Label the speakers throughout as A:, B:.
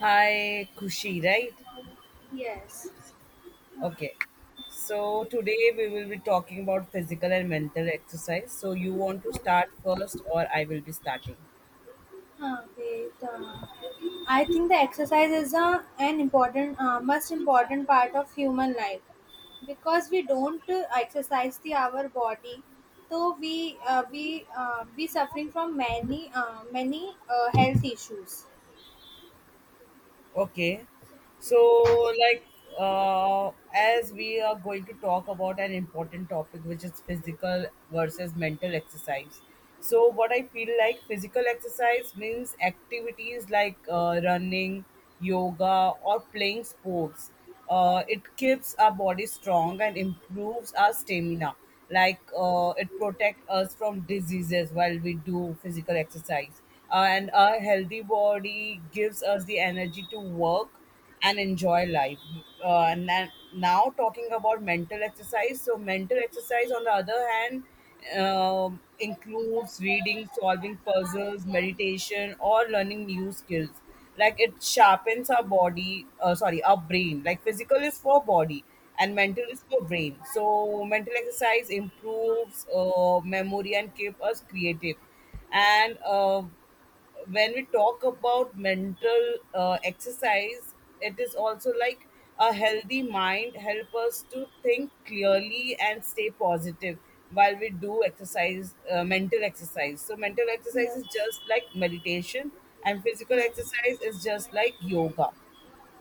A: Hi, Kushi, right?
B: Yes.
A: Okay. So today we will be talking about physical and mental exercise. So you want to start first, or I will be starting?
B: Uh, okay. The, I think the exercise is an important, most important part of human life because we don't exercise the our body, so we suffering from many health issues.
A: Okay. So
B: Yes.
A: like uh, as we are going to talk about an important topic, which is physical versus mental exercise. So what I feel like, physical exercise means activities like running, yoga, or playing sports. It keeps our body strong and improves our stamina. Like it protects us from diseases while we do physical exercise. And a healthy body gives us the energy to work and enjoy life. And then now, talking about mental exercise. So mental exercise, on the other hand, includes reading, solving puzzles, meditation, or learning new skills. Like, it sharpens our body, sorry, our brain. Like, physical is for body and mental is for brain. So mental exercise improves memory and keep us creative. And When we talk about mental exercise, it is also like, a healthy mind help us to think clearly and stay positive. While we do exercise mental exercise, so mental exercise is
B: Yes.
A: just like meditation and physical
B: Yes.
A: exercise is just like yoga.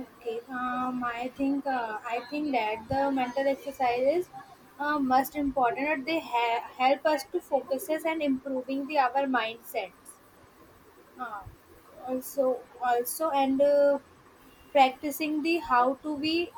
B: Okay, I think that the mental exercises most important. That they help us to focuses and improving the our mindsets. Uh, also, also, and practicing the how to be,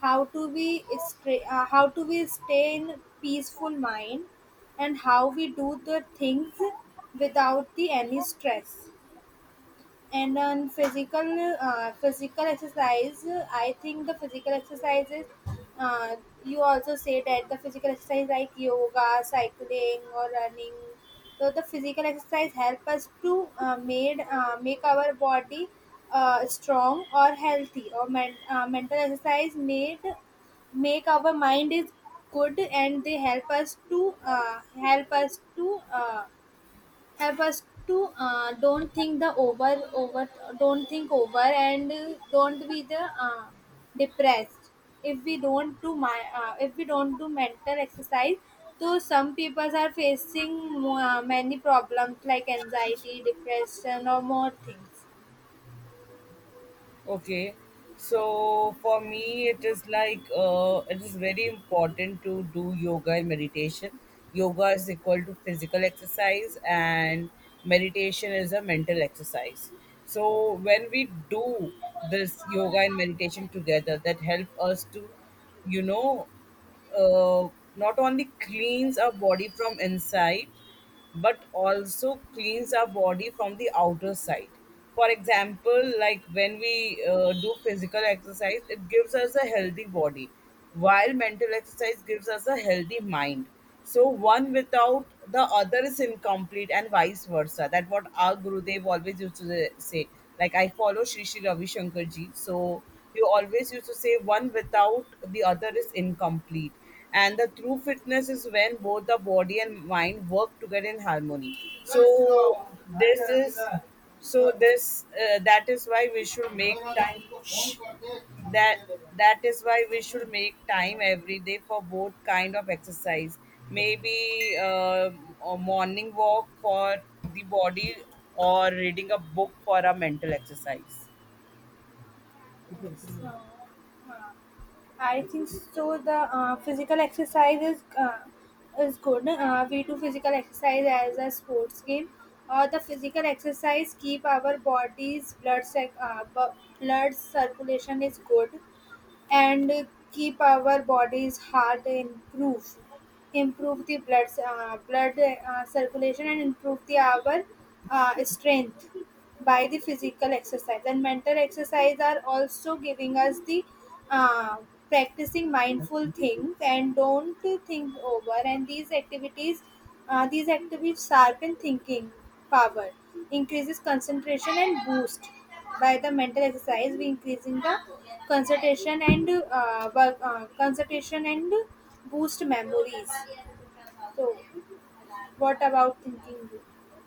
B: how to we stay in peaceful mind, and how we do the things without the any stress and on physical exercise. I think the physical exercises uh, you also say that the physical exercise like yoga, cycling, or running. So the physical exercise help us to made make our body strong or healthy or mental exercise made make our mind is good and they help us to help us to help us to don't think the over over don't think over and don't be the depressed if we don't do my if we don't do mental exercise. So some people are facing many problems like anxiety, depression, or more things.
A: Okay. So for me, it is like it is very important to do yoga and meditation. Yoga is equal to physical exercise, and meditation is a mental exercise. So when we do this yoga and meditation together, that help us to, you know, uh, not only cleans our body from inside, but also cleans our body from the outer side. For example, like, when we do physical exercise, it gives us a healthy body, while mental exercise gives us a healthy mind. So one without the other is incomplete, and vice versa. That what our Gurudev always used to say. Like, I follow Shri Sri Ravi Shankar ji, so he always used to say, one without the other is incomplete. And the true fitness is when both the body and mind work together in harmony. So this is, so this that is why we should make time that that is why we should make time every day for both kind of exercise. Maybe a morning walk for the body, or reading a book for a mental exercise.
B: So, I think so. The physical exercise is good. We do physical exercise as a sports game. The physical exercise keep our bodies blood circulation is good and keep our bodies heart improve the blood circulation and improve the our strength by the physical exercise. And mental exercise are also giving us the uh, practicing mindful things and don't think over. And these activities sharpen thinking power, increases concentration and boost. By the mental exercise we increasing the concentration and boost memories. So what about thinking?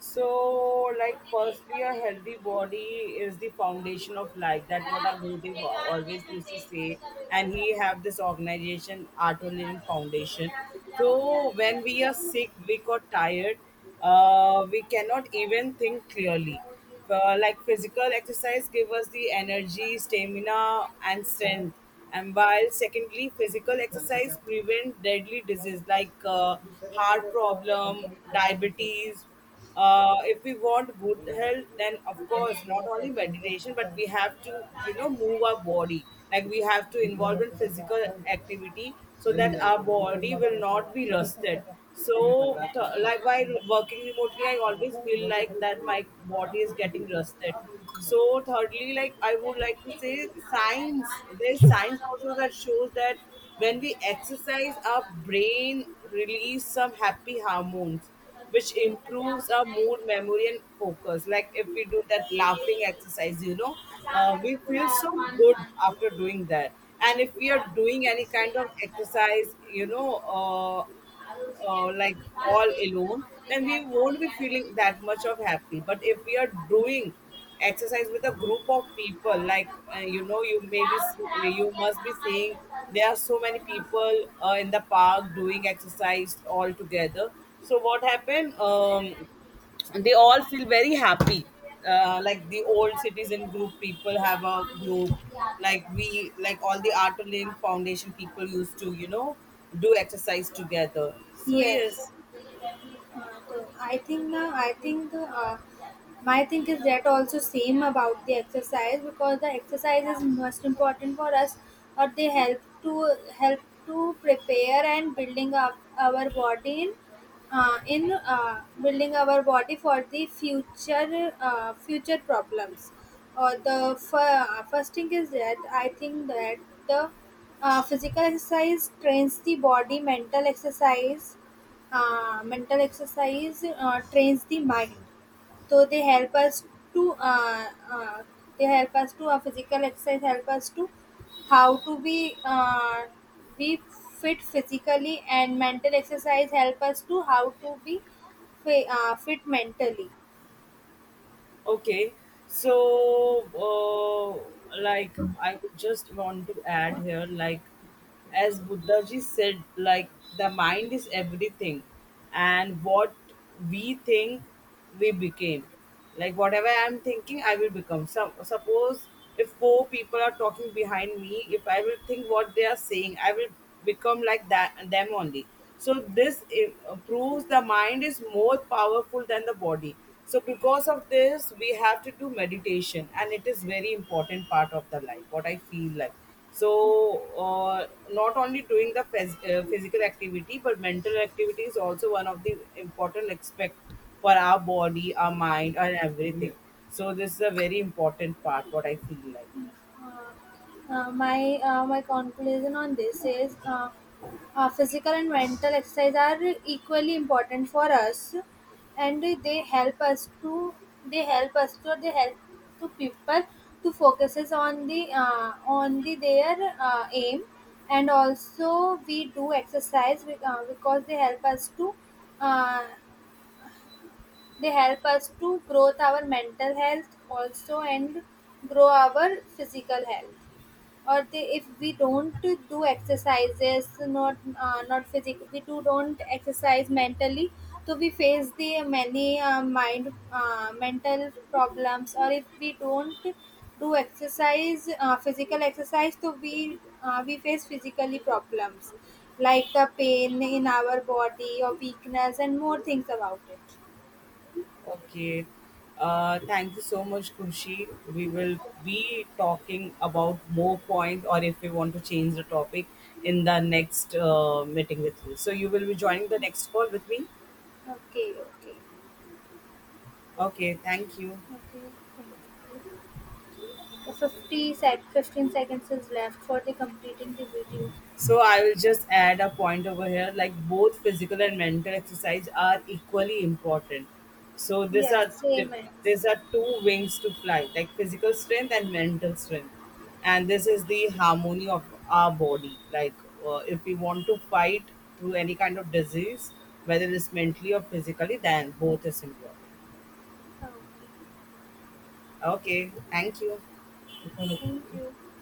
A: So, like, firstly, a healthy body is the foundation of life. That what our Gurudev always used to say, and he have this organization, Auto Living Foundation. So, when we are sick, weak, or tired, we cannot even think clearly. Like, physical exercise give us the energy, stamina, and strength. And while secondly, physical exercise prevent deadly disease like heart problem, diabetes. If we want good health, then of course not only meditation, but we have to, you know, move our body. Like, we have to involve in physical activity, so that our body will not be rusted. So, like, while working remotely, I always feel like that my body is getting rusted. So thirdly, like, I would like to say, science also that shows that when we exercise, our brain release some happy hormones, which improves our mood, memory, and focus. Like, if we do that laughing exercise, you know, we feel so good after doing that. And if we are doing any kind of exercise, you know, like, all alone, then we won't be feeling that much of happy. But if we are doing exercise with a group of people, like, you know, you may maybe you must be seeing there are so many people in the park doing exercise all together. So what happened? They all feel very happy. Like, the old citizen group people have a group, like, we like all the Art Link Foundation people used to, you know, do exercise together. So, yes.
B: Yes. Uh, I think my think is that also same about the exercise because the exercise is most important for us or they help to prepare and building up our body in building our body for the future problems. Or the first thing is that I think that the physical exercise trains the body. Mental exercise mental exercise trains the mind. So they help us to physical exercise help us to how to be fit physically, and mental exercise help us to how to be fit mentally.
A: Okay, so, like, I would just want to add here, like, as Buddha ji said, like, the mind is everything, and what we think, we became. Like, whatever I am thinking, I will become. So suppose if four people are talking behind me, if I will think what they are saying, I will become like that them only. So this proves the mind is more powerful than the body. So because of this, we have to do meditation, and it is very important part of the life. What I feel like. So, not only doing the physical activity, but mental activity is also one of the important aspect for our body, our mind, and everything. So this is a very important part. What I feel like.
B: uh, my conclusion on this is physical and mental exercise are equally important for us and they help us to they help us to they help to people to focuses on the their aim. And also we do exercise because they help us to uh, grow our mental health also and grow our physical health. Or they, if we don't do exercises, not not physical, we do don't exercise mentally, so we face the many mind mental problems. Or if we don't do exercise, physical exercise, so we face physically problems like the pain in our body or weakness and more things about it.
A: Okay. Thank you so much, Kushi. We will be talking about more points, or if we want to change the topic in the next meeting with you. So you will be joining the next call with me.
B: Okay, okay.
A: Okay. Thank you.
B: What do you think? The 50 sec 15 seconds is left for the completing the video.
A: So I will just add a point over here, like, both physical and mental exercise are equally important. So these
B: Yes,
A: are,
B: same as.
A: these are two wings to fly, like physical strength and mental strength. And this is the harmony of our body. Like, if we want to fight through any kind of disease, whether it's mentally or physically, then both is important.
B: Okay.
A: Okay, thank you.
B: Thank you.